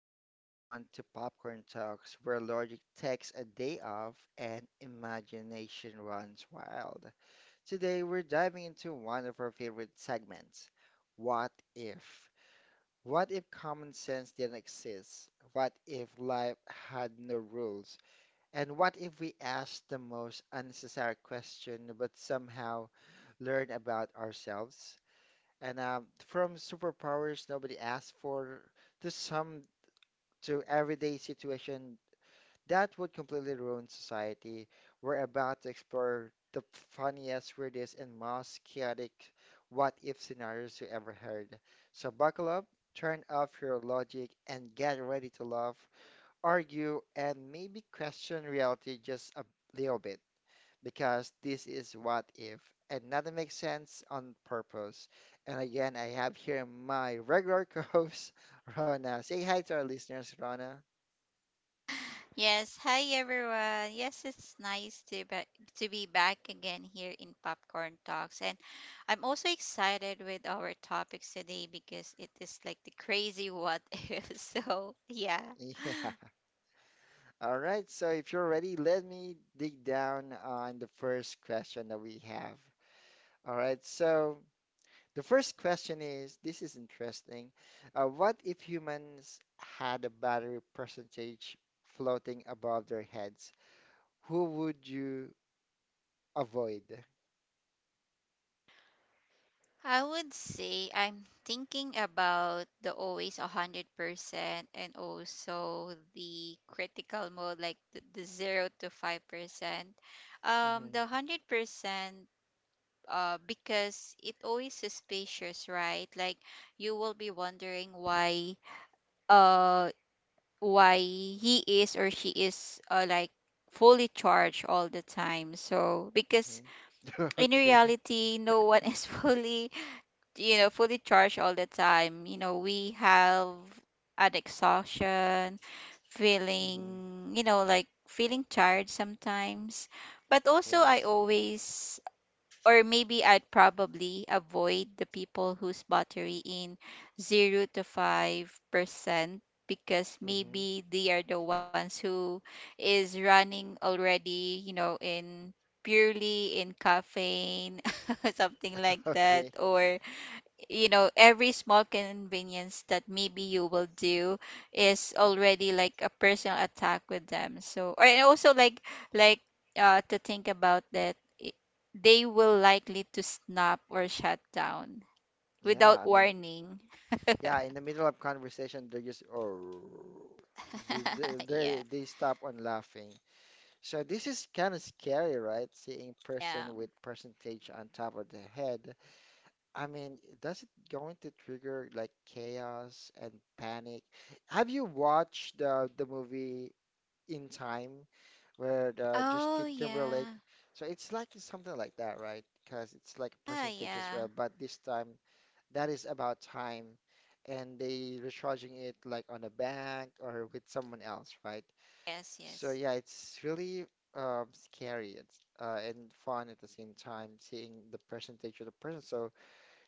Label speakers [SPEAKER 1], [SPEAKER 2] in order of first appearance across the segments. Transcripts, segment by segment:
[SPEAKER 1] back everyone to Popcorn Talks, where logic takes a day off and imagination runs wild. Today, we're diving into one of our favorite segments. What if? What if common sense didn't exist? What if life had no rules? And what if we asked the most unnecessary question but somehow learn about ourselves? And From superpowers nobody asked for to some to everyday situation that would completely ruin society. We're about to explore the funniest, weirdest, and most chaotic what if scenarios you ever heard. So buckle up, turn off your logic, and get ready to laugh, argue, and maybe question reality just a little bit. Because this is what if, and nothing makes sense on purpose. And again, I have here my regular co-host, Rona. Say hi to our listeners, Rona.
[SPEAKER 2] Yes, hi everyone. Yes, it's nice to be back again here in Popcorn Talks. And I'm also excited with our topics today because it is like the crazy what if. So, yeah.
[SPEAKER 1] Yeah. All right. So if you're ready, let me dig down on the first question that we have. All right. So the first question is, this is interesting. What if humans had a battery percentage floating above their heads? Who would you avoid?
[SPEAKER 2] I would say I'm thinking about the always 100% and also the critical mode, like the 0 to 5%. Um
[SPEAKER 1] hmm
[SPEAKER 2] the 100%, because it always suspicious, right? Like you will be wondering uh why he is or she is, like, fully charged all the time. So because in
[SPEAKER 1] Okay.
[SPEAKER 2] reality, no one is fully you know fully charged all the time. We have an exhaustion
[SPEAKER 1] hmm
[SPEAKER 2] feeling, like feeling tired sometimes. but also i
[SPEAKER 1] Yes.
[SPEAKER 2] always or maybe I'd probably avoid the people who's battery in 0 to 5%, because
[SPEAKER 1] hmm
[SPEAKER 2] maybe they are the ones who is running already, in purely in caffeine, something like that,
[SPEAKER 1] Okay.
[SPEAKER 2] or every small convenience that maybe you will do is already like a personal attack with them. So or and also, like, to think about that, i- they will likely to snap or shut down
[SPEAKER 1] Yeah.
[SPEAKER 2] without
[SPEAKER 1] I mean,
[SPEAKER 2] warning.
[SPEAKER 1] yeah, in the middle of conversation, they just oh, they they
[SPEAKER 2] Yeah,
[SPEAKER 1] they they stop on laughing. So this is kind of scary, right? Seeing
[SPEAKER 2] yeah.
[SPEAKER 1] person with percentage on top of the head. I mean, does it going to trigger like chaos and panic? Have you watched the movie In Time where the
[SPEAKER 2] Oh,
[SPEAKER 1] Justin
[SPEAKER 2] yeah.
[SPEAKER 1] Timberlake? So it's like something like that, right? Because it's like
[SPEAKER 2] Ah,
[SPEAKER 1] percentage as
[SPEAKER 2] yeah.
[SPEAKER 1] well, but this time that is about time and they recharging it like on a bank or with someone else, right?
[SPEAKER 2] Yes,
[SPEAKER 1] So
[SPEAKER 2] yes.
[SPEAKER 1] yeah, it's really scary it's and fun at the same time seeing the percentage of the person. So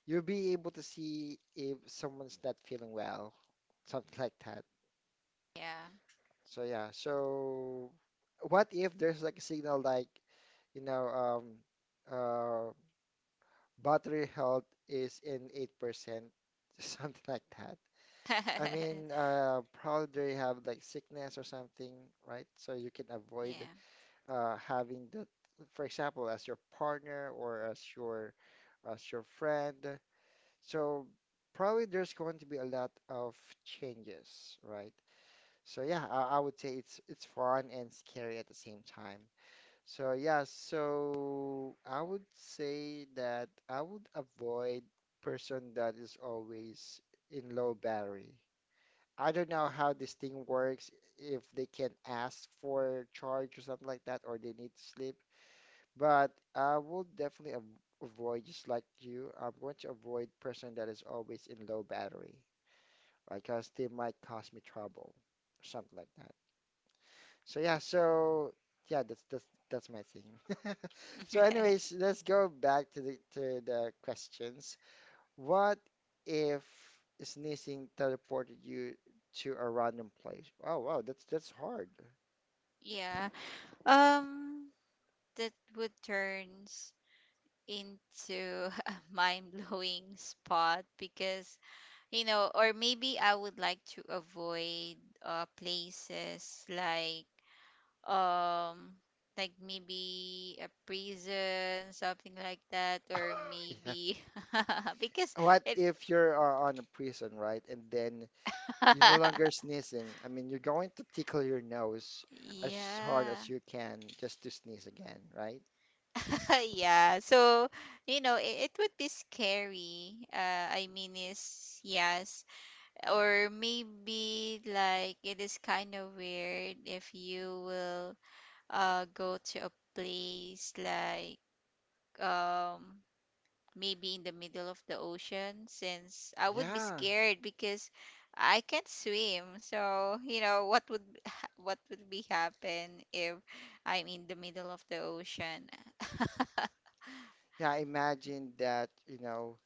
[SPEAKER 1] you'll be able to see if someone's not feeling well, something like that.
[SPEAKER 2] Yeah.
[SPEAKER 1] So yeah, so what if there's like a signal like, you know, um, uh, battery health is in 8%, something like that. I mean, probably they have like sickness or something, right? So you can avoid
[SPEAKER 2] Yeah.
[SPEAKER 1] having that, for example, as your partner or as your friend. So probably there's going to be a lot of changes, right? So yeah, I would say it's fun and scary at the same time. So yeah, so I would say that I would avoid person that is always in low battery. I don't know how this thing works, if they can ask for charge or something like that, or they need to sleep. But I will definitely av avoid, just like you, I'm going to avoid person that is always in low battery, right? Because they might cause me trouble or something like that. So yeah, so yeah, that's my thing. So anyways, let's go back to the questions. What if sneezing teleported you to a random place? Oh wow, that's hard.
[SPEAKER 2] Yeah. Um that would turns into a mind blowing spot because, or maybe I would like to avoid, places um, like maybe a prison, something like that, or
[SPEAKER 1] Yeah.
[SPEAKER 2] maybe. because
[SPEAKER 1] What
[SPEAKER 2] it,
[SPEAKER 1] if you're on a prison, right? And then you're no longer sneezing. I mean, you're going to tickle your nose as hard
[SPEAKER 2] yeah,
[SPEAKER 1] as you can just to sneeze again, right?
[SPEAKER 2] yeah. So, it would be scary. I mean, is yes, or maybe like it is kind of weird if you will go to a place, like, um maybe in the middle of the ocean, since I would be
[SPEAKER 1] Yeah.
[SPEAKER 2] scared because I can't swim. So you know what would what would be happen if I'm in the middle of the ocean?
[SPEAKER 1] Yeah, imagine that, you know,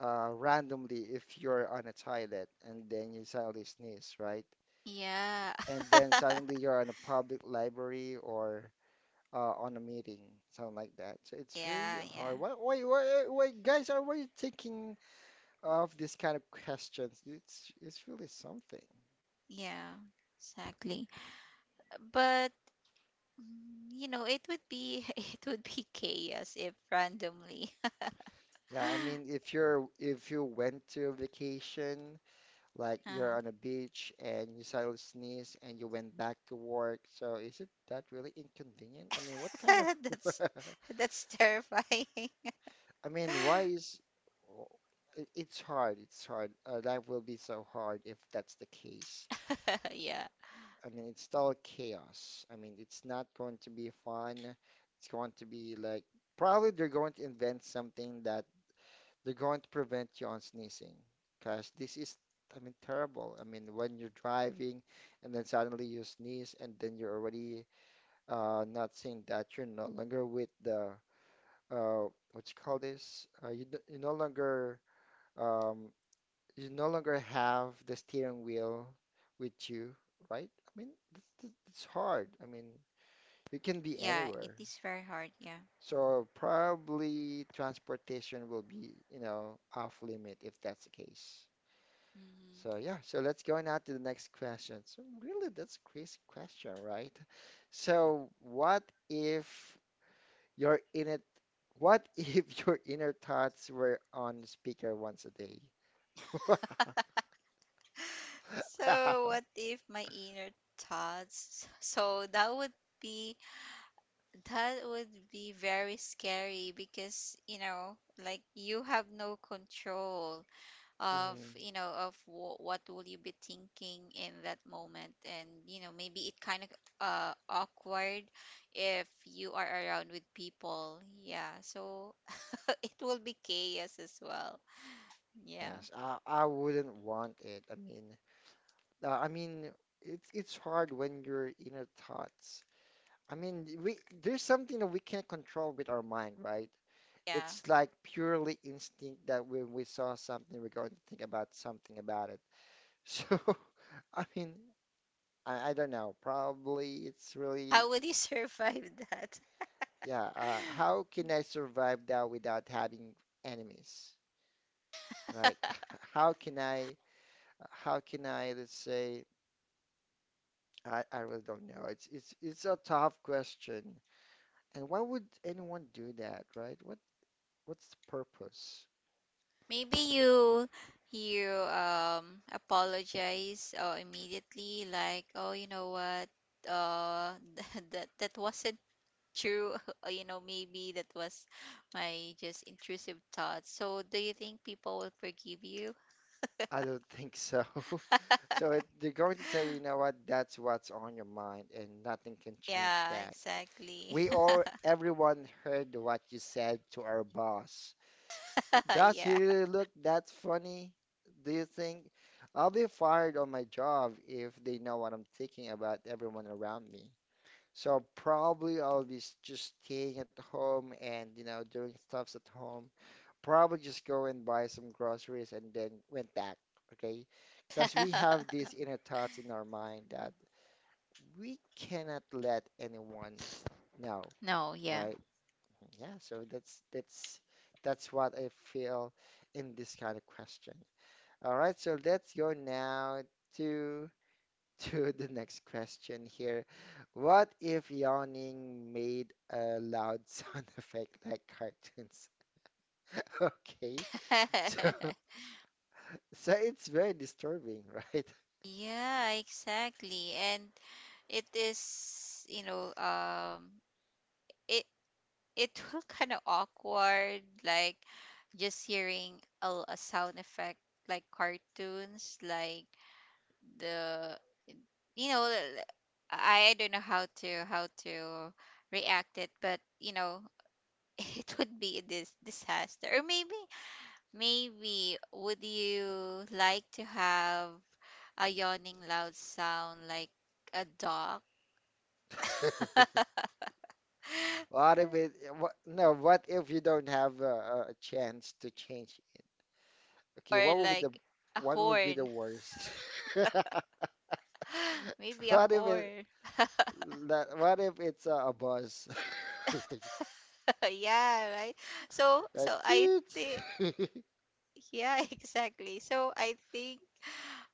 [SPEAKER 1] randomly if you're on a toilet and then you suddenly sneeze, right?
[SPEAKER 2] Yeah.
[SPEAKER 1] And then suddenly you're in a public library or on a meeting, something like that. So it's really
[SPEAKER 2] Yeah, yeah,
[SPEAKER 1] hard. Guys, are why you thinking of this kind of questions? It's really something.
[SPEAKER 2] yeah, exactly. But, it would be it would be chaos if randomly.
[SPEAKER 1] Yeah, I mean, if you're if you went to a vacation, like you're
[SPEAKER 2] Uh,
[SPEAKER 1] on a beach and you suddenly sneeze and you went back to work, so is it that really inconvenient? I mean, what kind of,
[SPEAKER 2] that's that's terrifying.
[SPEAKER 1] I mean, why is it- It's hard. It's hard. Life will be so hard if that's the case.
[SPEAKER 2] Yeah.
[SPEAKER 1] I mean, it's still chaos. I mean, it's not going to be fun. It's going to be like probably they're going to invent something that they're going to prevent you on sneezing because this is, I mean, terrible. I mean, when you're driving and then suddenly you sneeze and then you're already not saying that you're no longer with the uh, what you call this? You d- you're no longer um, you no longer have the steering wheel with you, right? I mean, it's hard. I mean, you can be
[SPEAKER 2] Yeah, it
[SPEAKER 1] anywhere.
[SPEAKER 2] is very hard, yeah.
[SPEAKER 1] So probably transportation will be, you know, off limit if that's the case.
[SPEAKER 2] hmm
[SPEAKER 1] So yeah, so let's go now to the next question. So really, that's a crazy question, right? So what if your inner what if your inner thoughts were on speaker once a day?
[SPEAKER 2] So
[SPEAKER 1] Wow.
[SPEAKER 2] what if my inner thoughts? So be that would be very scary because, like you have no control of
[SPEAKER 1] Mhm.
[SPEAKER 2] you know of w- what will you be thinking in that moment, and, maybe it kind of, awkward if you are around with people. Yeah, so it will be chaos as well. Yeah.
[SPEAKER 1] Yes, I wouldn't want it. I mean, it's hard when your inner thoughts. I mean, we there's something that we can't control with our mind, right?
[SPEAKER 2] Yeah.
[SPEAKER 1] It's like purely instinct that when we saw something, we're going to think about something about it. So, I mean, I don't know. Probably it's
[SPEAKER 2] How
[SPEAKER 1] really,
[SPEAKER 2] would you survive that?
[SPEAKER 1] yeah. How can I survive that without having enemies, right? How can I, how can I, let's say. I really don't know. It's a tough question. And why would anyone do that, right? What what's the purpose?
[SPEAKER 2] Maybe you, you apologize, immediately, like, oh, you know what, uh that was a True, maybe that was my just intrusive thought. So, do you think people will forgive you?
[SPEAKER 1] I don't think so. So it, they're going to tell you, you know what, that's what's on your mind and nothing can change
[SPEAKER 2] Yeah,
[SPEAKER 1] that.
[SPEAKER 2] exactly.
[SPEAKER 1] We all, everyone heard what you said to our boss. Does he
[SPEAKER 2] Yeah.
[SPEAKER 1] really look that funny? Do you think? I'll be fired on my job if they know what I'm thinking about everyone around me. So probably I'll be just staying at home and, you know, doing stuffs at home. Probably just go and buy some groceries and then went back, okay? Because we have these inner thoughts in our mind that we cannot let anyone know,
[SPEAKER 2] No, yeah.
[SPEAKER 1] right? Yeah, so that's that's what I feel in this kind of question. All right, so let's go now to the next question here. What if yawning made a loud sound effect like cartoons? Okay, so so it's very disturbing, right?
[SPEAKER 2] Yeah, exactly. And it is, it it will kind of awkward, like, just hearing a sound effect like cartoons, like the you know l- I don't know how to, how to react it, but it would be this disaster. Or, maybe, would you like to have a yawning loud sound like a dog?
[SPEAKER 1] What if it, what, no, what if you don't have a chance to change it? Okay,
[SPEAKER 2] Or
[SPEAKER 1] what would be the
[SPEAKER 2] like a
[SPEAKER 1] what would be the
[SPEAKER 2] horn.
[SPEAKER 1] worst?
[SPEAKER 2] Maybe a
[SPEAKER 1] What if it
[SPEAKER 2] horn.
[SPEAKER 1] that what if it's a buzz?
[SPEAKER 2] Yeah, right. so so
[SPEAKER 1] That's
[SPEAKER 2] i think.
[SPEAKER 1] it.
[SPEAKER 2] Yeah, exactly. So I think,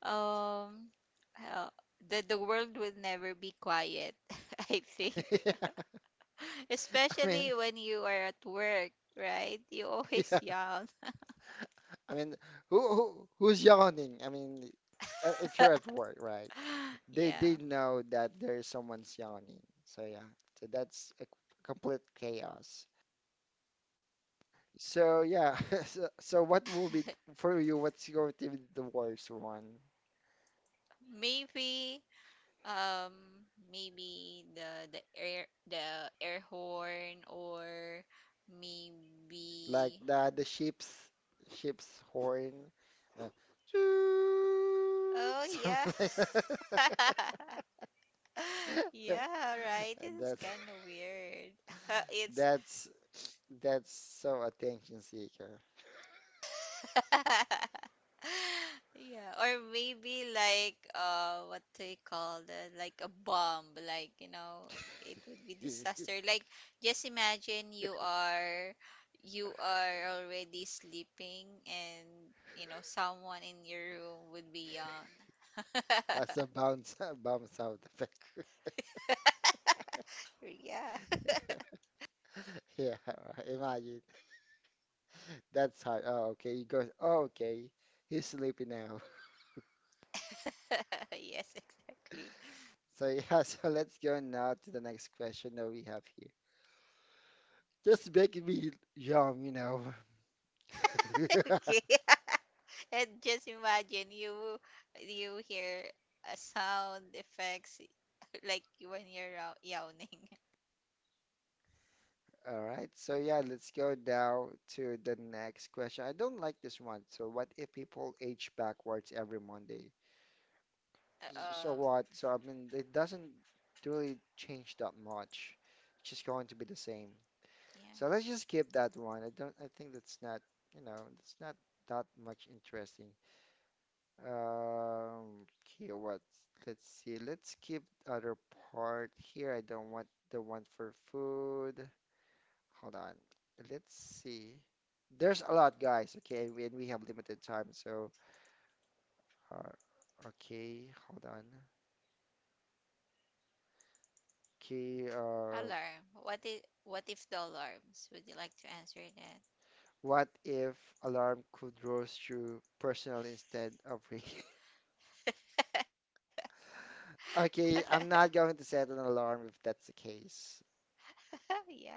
[SPEAKER 2] um uh, the world will never be quiet, I think.
[SPEAKER 1] I mean,
[SPEAKER 2] Especially when you are at work, right? You always
[SPEAKER 1] Yeah,
[SPEAKER 2] yell.
[SPEAKER 1] I mean, who's yawning? I mean, if you're at work, right? They
[SPEAKER 2] Yeah.
[SPEAKER 1] know that there's someone's yawning. So yeah, so that's a complete chaos. So yeah, so, so what will be for you? What's going to be the worst one?
[SPEAKER 2] Maybe um maybe the air horn, or maybe.
[SPEAKER 1] Like the sheep's horn, uh,
[SPEAKER 2] Oh, yeah.
[SPEAKER 1] something like that.
[SPEAKER 2] Yeah, right. This is
[SPEAKER 1] That's
[SPEAKER 2] kind of weird. It's
[SPEAKER 1] that's that's so attention seeker.
[SPEAKER 2] yeah, or maybe like, what do you call that? Like a bomb, like, it would be disaster. Like, just imagine, you are already sleeping and, someone in your room would be yawn.
[SPEAKER 1] Has a bounce bounce sound effect.
[SPEAKER 2] Yeah.
[SPEAKER 1] Yeah, imagine. That's hard. Oh, okay. He goes, oh, okay. He's sleepy now.
[SPEAKER 2] Yes, exactly.
[SPEAKER 1] So yeah, so let's go now to the next question that we have here. Just making me young, you know.
[SPEAKER 2] Okay. And just imagine you hear a sound effects like when you're yawning.
[SPEAKER 1] All right. So yeah, let's go now to the next question. I don't like this one. So what if people age backwards every Monday? S- So
[SPEAKER 2] Oh,
[SPEAKER 1] what? So I mean, it doesn't really change that much. It's just going to be the same.
[SPEAKER 2] yeah.
[SPEAKER 1] So let's just skip that one. I don't. I think that's not. You know, that's not that much interesting. Okay. What? Let's see. Let's skip the other part here. I don't want the one for food. Hold on. Let's see. There's a lot, guys. Okay, and we have limited time. So, uh, okay. Hold on. Okay.
[SPEAKER 2] Alarm. What if the alarms? Would you like to answer
[SPEAKER 1] What if alarm could roast you personal instead of me?
[SPEAKER 2] that?
[SPEAKER 1] Okay, I'm not going to set an alarm if that's the case.
[SPEAKER 2] Yeah.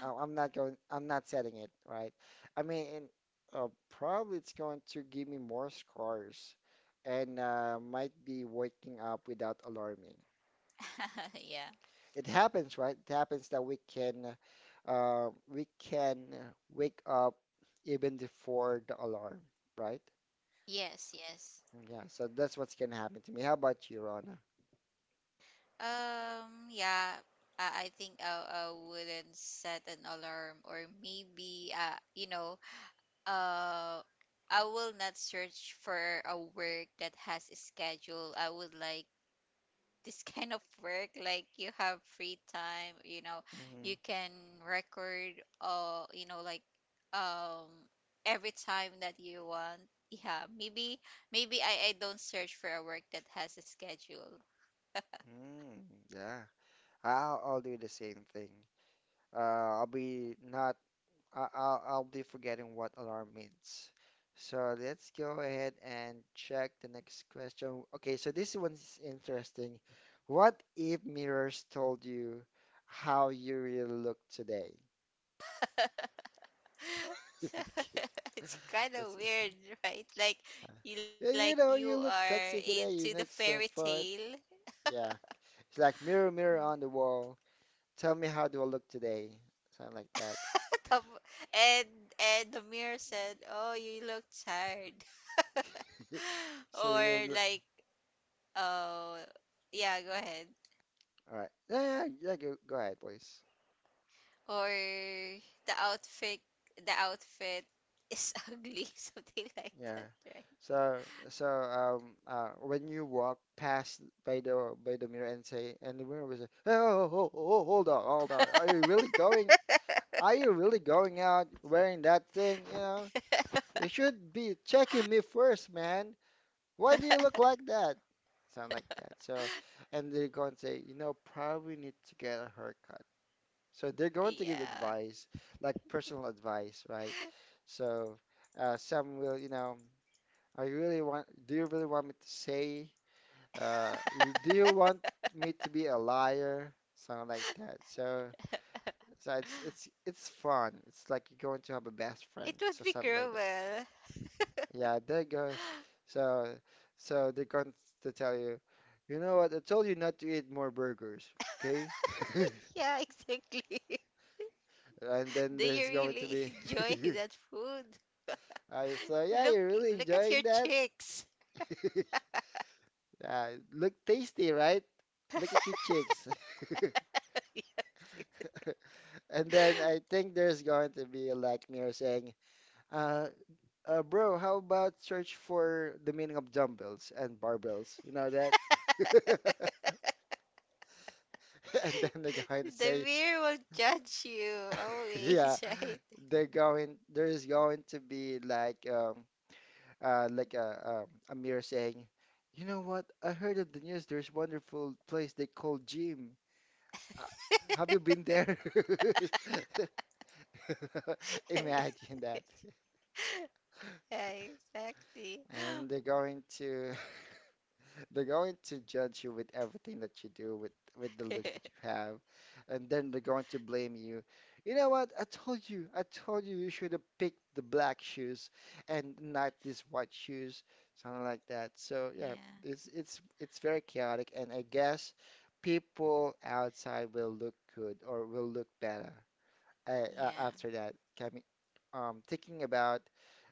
[SPEAKER 1] I- I'm not going, I'm not setting it, right? I mean, and, probably it's going to give me more scars and might be waking up without alarming.
[SPEAKER 2] Yeah.
[SPEAKER 1] It happens, right? It happens that we can wake up even before the alarm, right?
[SPEAKER 2] Yes, yes.
[SPEAKER 1] Yeah, so that's what's gonna happen to me. How about you, Rana?
[SPEAKER 2] Yeah. I think I wouldn't set an alarm, or maybe, uh I will not search for a work that has a schedule. I would like this kind of work, like you have free time, you
[SPEAKER 1] hmm
[SPEAKER 2] can record, uh you know like um every time that you want. Yeah, maybe I don't search for a work that has a schedule.
[SPEAKER 1] Mm, yeah, I'll do the same thing. I'll be not. I- I'll be forgetting what alarm means. So let's go ahead and check the next question. Okay, so this one's interesting. What if mirrors told you how you really look today?
[SPEAKER 2] So,
[SPEAKER 1] Okay,
[SPEAKER 2] it's kind of
[SPEAKER 1] that's- yeah,
[SPEAKER 2] weird, right? Like you like
[SPEAKER 1] yeah,
[SPEAKER 2] you
[SPEAKER 1] you know, you
[SPEAKER 2] are
[SPEAKER 1] look sexy
[SPEAKER 2] into the
[SPEAKER 1] today. You
[SPEAKER 2] fairy
[SPEAKER 1] look so
[SPEAKER 2] tale.
[SPEAKER 1] fun. Yeah, it's like mirror, mirror on the wall. Tell me how do I look today? Something like that.
[SPEAKER 2] Tap- and and the mirror said, "Oh, you look tired."
[SPEAKER 1] So
[SPEAKER 2] Or,
[SPEAKER 1] you look.
[SPEAKER 2] like, oh, yeah, go ahead.
[SPEAKER 1] All right. Yeah. Go, go ahead, please.
[SPEAKER 2] Or the outfit, the outfit is ugly, something like
[SPEAKER 1] Yeah.
[SPEAKER 2] that,
[SPEAKER 1] So so when you walk past by the mirror and say, and the mirror will say, oh, hold on, hold on. Are
[SPEAKER 2] right?
[SPEAKER 1] you really going out wearing that thing? You know? You should be checking me first, man. Why do you look like that? Sound like that. So and they're going to say, you know, probably need to get a haircut. So they're going to give
[SPEAKER 2] Yeah.
[SPEAKER 1] advice, like personal advice, right? So some will, I really want, do you really want me to say, do you want me to be a liar? Something like that. So, so it's fun. It's like you're going to have a best
[SPEAKER 2] It
[SPEAKER 1] friend,
[SPEAKER 2] would be
[SPEAKER 1] so something like that.
[SPEAKER 2] cruel.
[SPEAKER 1] Yeah, they go. So, so they're going to tell you, you know what? I told you not to eat more burgers, okay?
[SPEAKER 2] Yeah, exactly.
[SPEAKER 1] And then
[SPEAKER 2] Do you
[SPEAKER 1] there's going to
[SPEAKER 2] really
[SPEAKER 1] be,
[SPEAKER 2] enjoy that food?
[SPEAKER 1] so yeah,
[SPEAKER 2] Look,
[SPEAKER 1] you're really
[SPEAKER 2] look at your
[SPEAKER 1] enjoying that.
[SPEAKER 2] cheeks.
[SPEAKER 1] Yeah, look tasty, right? Look at your cheeks.
[SPEAKER 2] Yes.
[SPEAKER 1] And then I think there's going to be like Mir saying, uh, bro, how about search for the meaning of dumbbells and barbells? You know that? And then they're going to
[SPEAKER 2] The
[SPEAKER 1] say,
[SPEAKER 2] mirror will judge you
[SPEAKER 1] yeah,
[SPEAKER 2] always, right?
[SPEAKER 1] they're going, there's going to be like a Mir saying, you know what? I heard of the news. There's wonderful place they call gym. Uh, Have you been there? Imagine that.
[SPEAKER 2] Yeah, exactly.
[SPEAKER 1] And they're going to. They're going to judge you with everything that you do, with the looks that you have, and then they're going to blame you. You know what? I told you you should have picked the black shoes and not these white shoes, something like that. So yeah,
[SPEAKER 2] Yeah,
[SPEAKER 1] it's very chaotic, and I guess people outside will look good or will look better
[SPEAKER 2] yeah,
[SPEAKER 1] after that. I mean, thinking about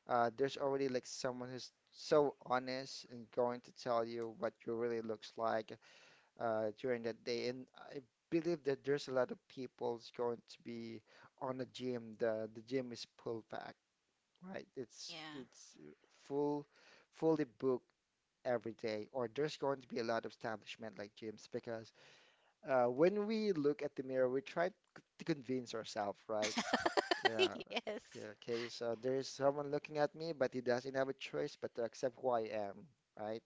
[SPEAKER 1] there's already like someone who's so honest and going to tell you what you really looks like during that day. And I believe that there's a lot of people's going to be on the gym. The gym is full packed, right? It's
[SPEAKER 2] yeah.
[SPEAKER 1] it's full, fully booked every day. Or there's going to be a lot of establishment like gyms because when we look at the mirror, we try to convince ourselves, right? Yeah,
[SPEAKER 2] Yes,
[SPEAKER 1] yeah, okay, so there's someone looking at me, but he doesn't have a choice but to accept who I am, right?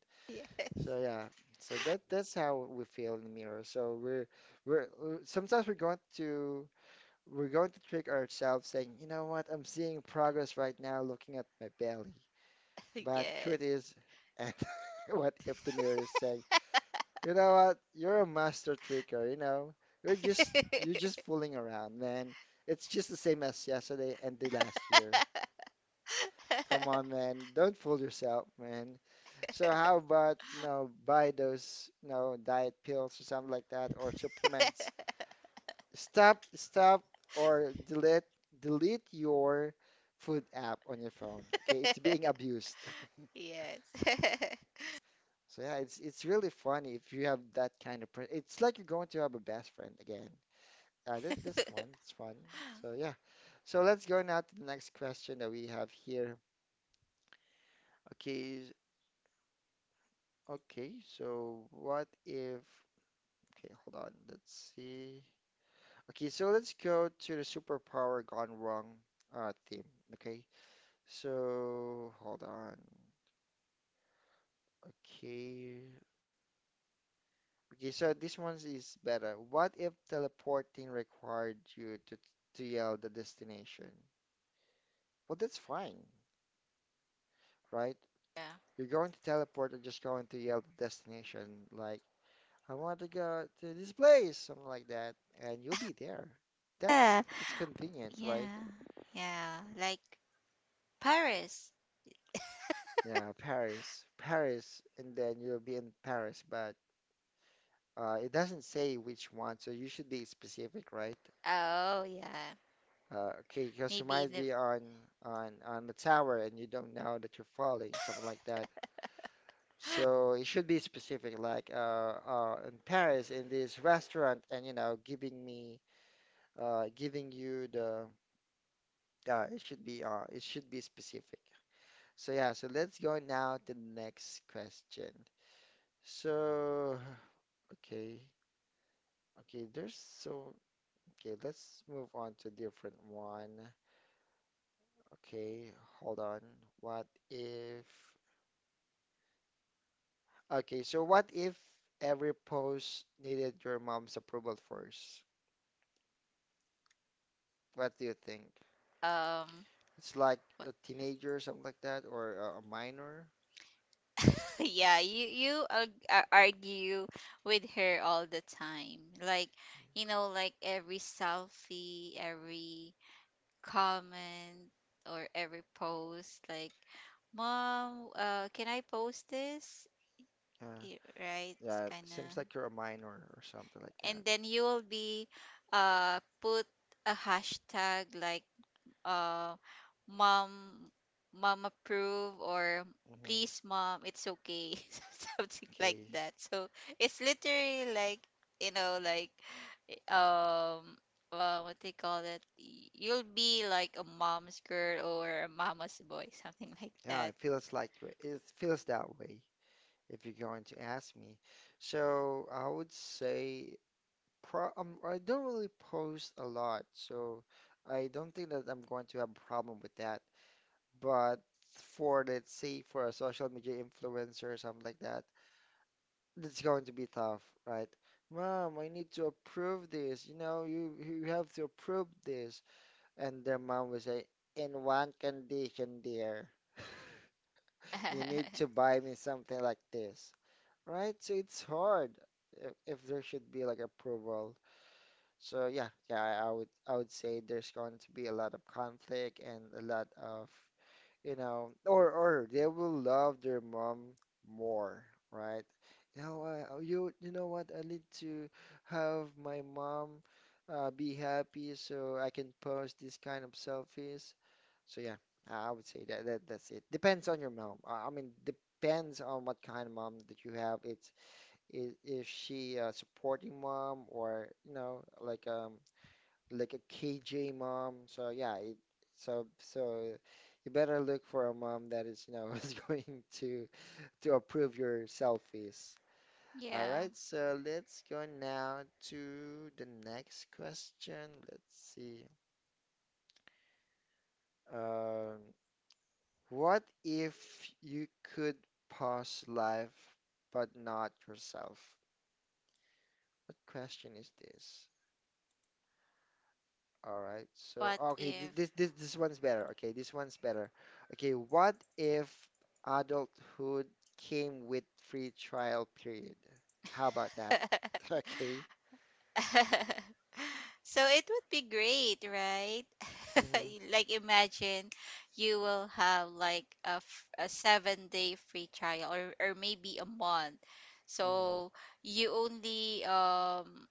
[SPEAKER 1] So
[SPEAKER 2] yes,
[SPEAKER 1] yeah, so that's how we feel in the mirror. So we're sometimes we're going to trick ourselves saying, you know what, I'm seeing progress right now looking at my belly. But truth
[SPEAKER 2] yes.
[SPEAKER 1] is, and what if the mirror is saying, you know what, you're a master tricker, you know, you're just fooling around, man. It's just the same as yesterday and the last year. Come on, man. Don't fool yourself, man. So how about, you know, buy those, you know, diet pills or something like that or supplements. Stop or delete your food app on your phone. Okay? It's being abused.
[SPEAKER 2] Yes.
[SPEAKER 1] So yeah, it's really funny if you have that kind of person. It's like you're going to have a best friend again. That's fun. It's fun. So yeah. So let's go now to the next question that we have here. Okay. Okay. So what if? Okay, hold on. Let's see. Okay, so let's go to the superpower gone wrong theme. Okay, so hold on. Okay. Okay, so this one is better. What if teleporting required you to yell the destination? Well, that's fine, right?
[SPEAKER 2] Yeah.
[SPEAKER 1] You're going to teleport and just going to yell the destination, like, I want to go to this place, something like that, and you'll be there. That's
[SPEAKER 2] Ah,
[SPEAKER 1] that's convenient, right?
[SPEAKER 2] yeah, yeah, like Paris.
[SPEAKER 1] Yeah, Paris, Paris, and then you'll be in Paris, but it doesn't say which one, so you should be specific, right?
[SPEAKER 2] Oh, yeah,
[SPEAKER 1] Okay, because you
[SPEAKER 2] maybe
[SPEAKER 1] might
[SPEAKER 2] in
[SPEAKER 1] be
[SPEAKER 2] the,
[SPEAKER 1] on on the tower and you don't know that you're falling, something like that. So it should be specific, like in Paris, in this restaurant, and you know, giving you the, it should be specific. So yeah, so let's go now to the next question. So, okay. Okay, there's so okay, let's move on to different one. Okay, hold on. What if okay, so what if every post needed your mom's approval first? What do you think?
[SPEAKER 2] um
[SPEAKER 1] It's like
[SPEAKER 2] what-
[SPEAKER 1] a teenager or something like that, or a minor?
[SPEAKER 2] yeah. You argue with her all the time, like, like, every selfie, every comment, or every post, like, "Mom, can I post this?"
[SPEAKER 1] Yeah.
[SPEAKER 2] Right, it's
[SPEAKER 1] Yeah, it seems
[SPEAKER 2] kinda,
[SPEAKER 1] like you're a minor or something like that.
[SPEAKER 2] and then you will be, put a hashtag like, uh mom, approve, or
[SPEAKER 1] hmm
[SPEAKER 2] please mom, it's okay, something like
[SPEAKER 1] Okay.
[SPEAKER 2] that. So, it's literally, like, like, eh, um what they call that? You'll be like a mom's girl or a mama's boy, something like
[SPEAKER 1] Yeah, it
[SPEAKER 2] that.
[SPEAKER 1] feels like it feels that way, if you're going to ask me. So I would say Pro I don't really post a lot, so I don't think that I'm going to have a problem with that. But for, let's say, for a social media influencer or something like that, it's going to be tough, right? Mom, I need to approve this. You know, you have to approve this. And their mom will say, in one condition, dear, you need to buy me something like this, right? So it's hard if there should be like approval. So yeah, yeah, I would say there's going to be a lot of conflict and a lot of, you know, or they will love their mom more, right? You know, you you know what? I need to have my mom be happy so I can post this kind of selfies. So yeah, I would say that, that's it. Depends on your mom. I mean, depends on what kind of mom that you have. It's is she a supporting mom or you know like a KJ mom. So yeah, so so you better look for a mom that is, you know, is going to approve your selfies. All
[SPEAKER 2] Yeah.
[SPEAKER 1] right, so let's go now to the next question. Let's see. Um, what if you could pause life but not yourself? What question is this? All right. So,
[SPEAKER 2] but
[SPEAKER 1] okay,
[SPEAKER 2] if
[SPEAKER 1] this this one's better. Okay, this one's better. Okay, what if adulthood came with free trial period? How about that? Okay.
[SPEAKER 2] So it would be great, right?
[SPEAKER 1] hmm
[SPEAKER 2] Like imagine you will have, like, a 7-day free trial, or maybe a month.
[SPEAKER 1] hmm
[SPEAKER 2] So you only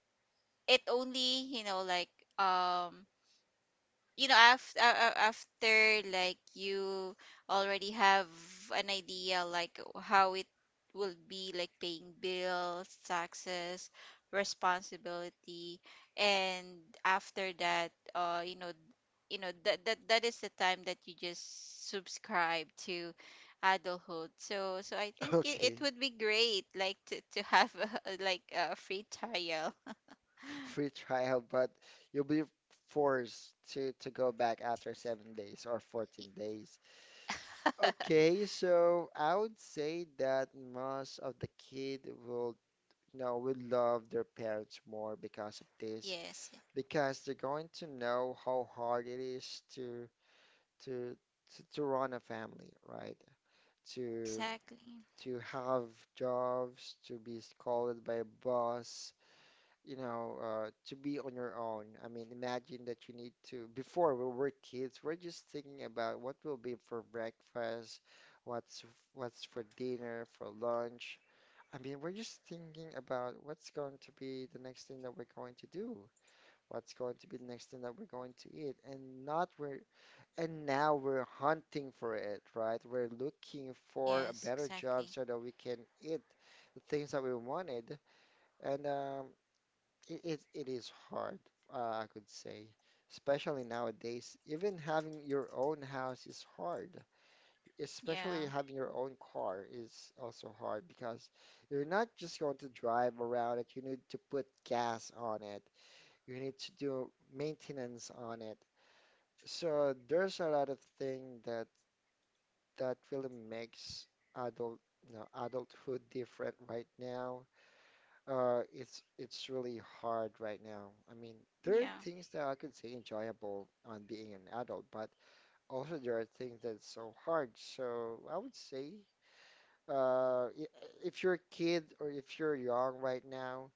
[SPEAKER 2] it only, um after like you already have an idea like how it will be, like, paying bills, taxes, responsibility, and after that, that is the time that you just subscribe to adulthood. So I think it
[SPEAKER 1] Okay.
[SPEAKER 2] would be great, like, to have, like, a free trial.
[SPEAKER 1] Free trial, but you'll be forced to go back after 7 days or
[SPEAKER 2] Y-
[SPEAKER 1] 14 days. Okay, so I would say that most of the kid will, you know, will love their parents more because of this.
[SPEAKER 2] yes,
[SPEAKER 1] Because they're going to know how hard it is to to to run a family, right? To
[SPEAKER 2] exactly.
[SPEAKER 1] have jobs, to be scolded by a boss, you know, to be on your own. I mean, imagine that you need to, before we were kids, we're just thinking about what will be for breakfast, what's what's for dinner, for lunch. I mean, we're just thinking about what's going to be the next thing that we're going to do, what's going to be the next thing that we're going to eat, and not we're and now we're hunting for it, right? We're looking for a
[SPEAKER 2] Yes,
[SPEAKER 1] better job
[SPEAKER 2] exactly.
[SPEAKER 1] so that we can eat the things that we wanted, and it is hard, I could say, especially nowadays. Even having your own house is hard, especially
[SPEAKER 2] Yeah.
[SPEAKER 1] having your own car is also hard, because you're not just going to drive around it, you need to put gas on it, you need to do maintenance on it. So there's a lot of thing that really makes adult, adulthood different right now. It's really hard right now. I mean, there are
[SPEAKER 2] Yeah.
[SPEAKER 1] things that I could say enjoyable on being an adult, but also there are things that's so hard. So I would say, uh, i- if you're a kid or if you're young right now,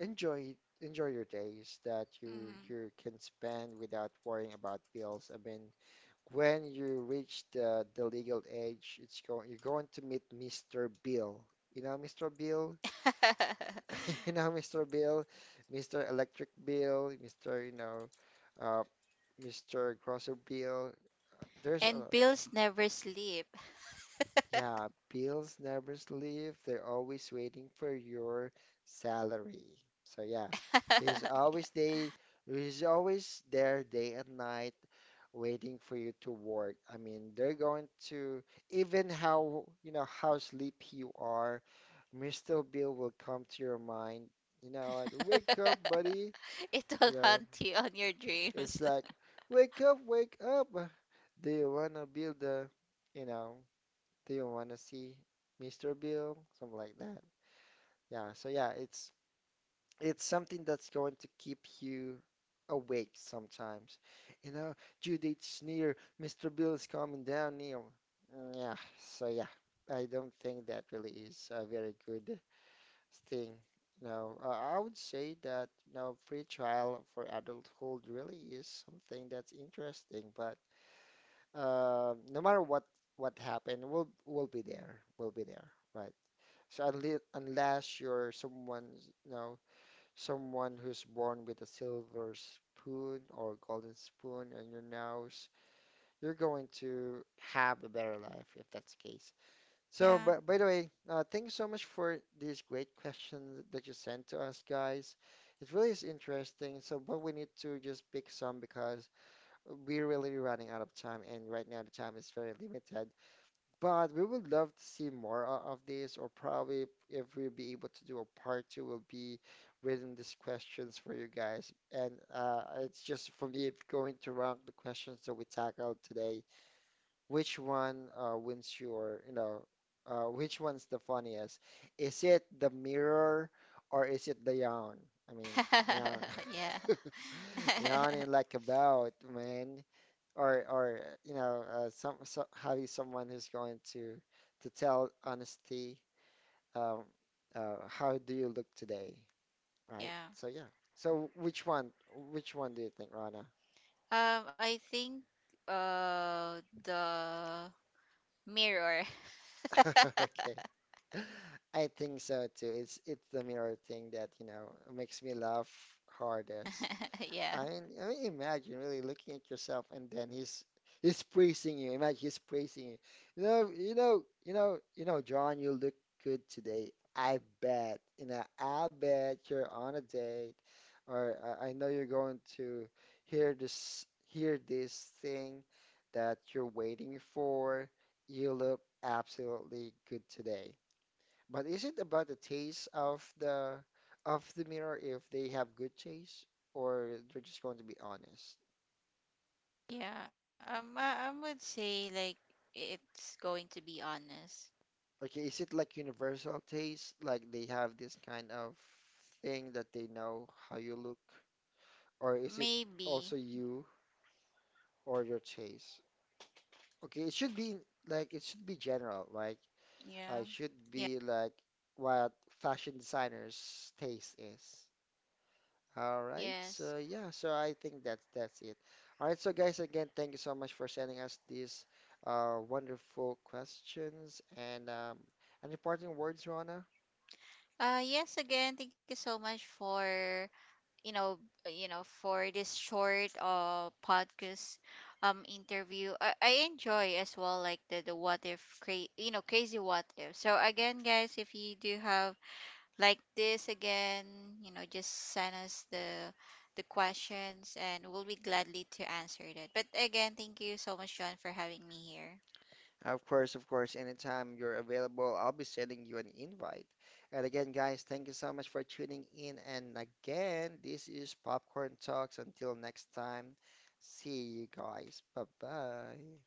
[SPEAKER 1] enjoy your days that you
[SPEAKER 2] Mm.
[SPEAKER 1] can spend without worrying about bills. I mean, when you reach the legal age, it's going you're going to meet Mr. Bill. You know Mr. Bill? You know Mr. Bill, Mr. Electric Bill, Mr. you know, uh, Mr. Grocery Bill. There's
[SPEAKER 2] And
[SPEAKER 1] a
[SPEAKER 2] bills never sleep.
[SPEAKER 1] Yeah, bills never sleep. They're always waiting for your salary. So yeah, he's always day, he's always there day and night waiting for you to work. I mean, they're going to even how, you know, how sleepy you are, Mr. Bill will come to your mind. You know, and, wake up, buddy.
[SPEAKER 2] It will
[SPEAKER 1] You know,
[SPEAKER 2] haunt you on your dreams.
[SPEAKER 1] it's like, wake up, wake up. Do you want to build a, you know, do you want to see Mr. Bill? Something like that. Yeah, so yeah, it's something that's going to keep you awake sometimes. You know, due date's near, Mr. Bill is coming down, Neil. Mm, yeah, so yeah, I don't think that really is a very good thing. You know, I would say that, you know, free trial for adulthood really is something that's interesting, but no matter what happened, we'll be there. We'll be there, right? So unless you're someone, you know, someone who's born with a silver spoon or golden spoon on your nose, you're going to have a better life if that's the case. So,
[SPEAKER 2] Yeah.
[SPEAKER 1] but by the way, thank you so much for these great questions that you sent to us, guys. It really is interesting. So, but we need to just pick some because we're really running out of time, and right now the time is very limited. But we would love to see more of this, or probably if we'll be able to do a part two, will be reading these questions for you guys. And it's just for me going to rank the questions that we tackled today. Which one wins your, you know, which one's the funniest? Is it the mirror or is it the yawn? I mean, yawn.
[SPEAKER 2] Yeah.
[SPEAKER 1] Yawning like a boat, man, or you know so having someone who's going to tell honesty, um how do you look today, right?
[SPEAKER 2] Yeah.
[SPEAKER 1] So yeah, so which one do you think, Rana?
[SPEAKER 2] I think, the mirror.
[SPEAKER 1] Okay, I think so too. It's the mirror thing that you know makes me laugh hardest.
[SPEAKER 2] Yeah.
[SPEAKER 1] I mean, imagine really looking at yourself and then he's praising you. Imagine he's praising you. You know, John, you look good today. I bet, you know, I bet you're on a date, or I know you're going to hear this thing that you're waiting for. You look absolutely good today. But is it about the taste of the mirror if they have good taste, or they're just going to be honest?
[SPEAKER 2] Yeah. I would say, like, it's going to be honest.
[SPEAKER 1] Okay, is it like universal taste, like they have this kind of thing that they know how you look, or is it
[SPEAKER 2] Maybe.
[SPEAKER 1] also you or your taste? Okay, it should be like it should be general, like
[SPEAKER 2] Yeah.
[SPEAKER 1] it should
[SPEAKER 2] Yeah.
[SPEAKER 1] be like what fashion designers' taste is. All right.
[SPEAKER 2] Yes.
[SPEAKER 1] So yeah, so I think that's it. All right, so guys, again, thank you so much for sending us these wonderful questions and any parting words, Rona?
[SPEAKER 2] Yes, again, thank you so much for, you know for this short, podcast, interview. I enjoy as well, like, the what if, crazy what if. So again, guys, if you do have like this again, just send us the questions and we'll be gladly to answer that. But again, thank you so much, John, for having me here.
[SPEAKER 1] Of course, of course. Anytime you're available, I'll be sending you an invite. And again, guys, thank you so much for tuning in. And again, this is Popcorn Talks. Until next time, see you guys. Bye bye.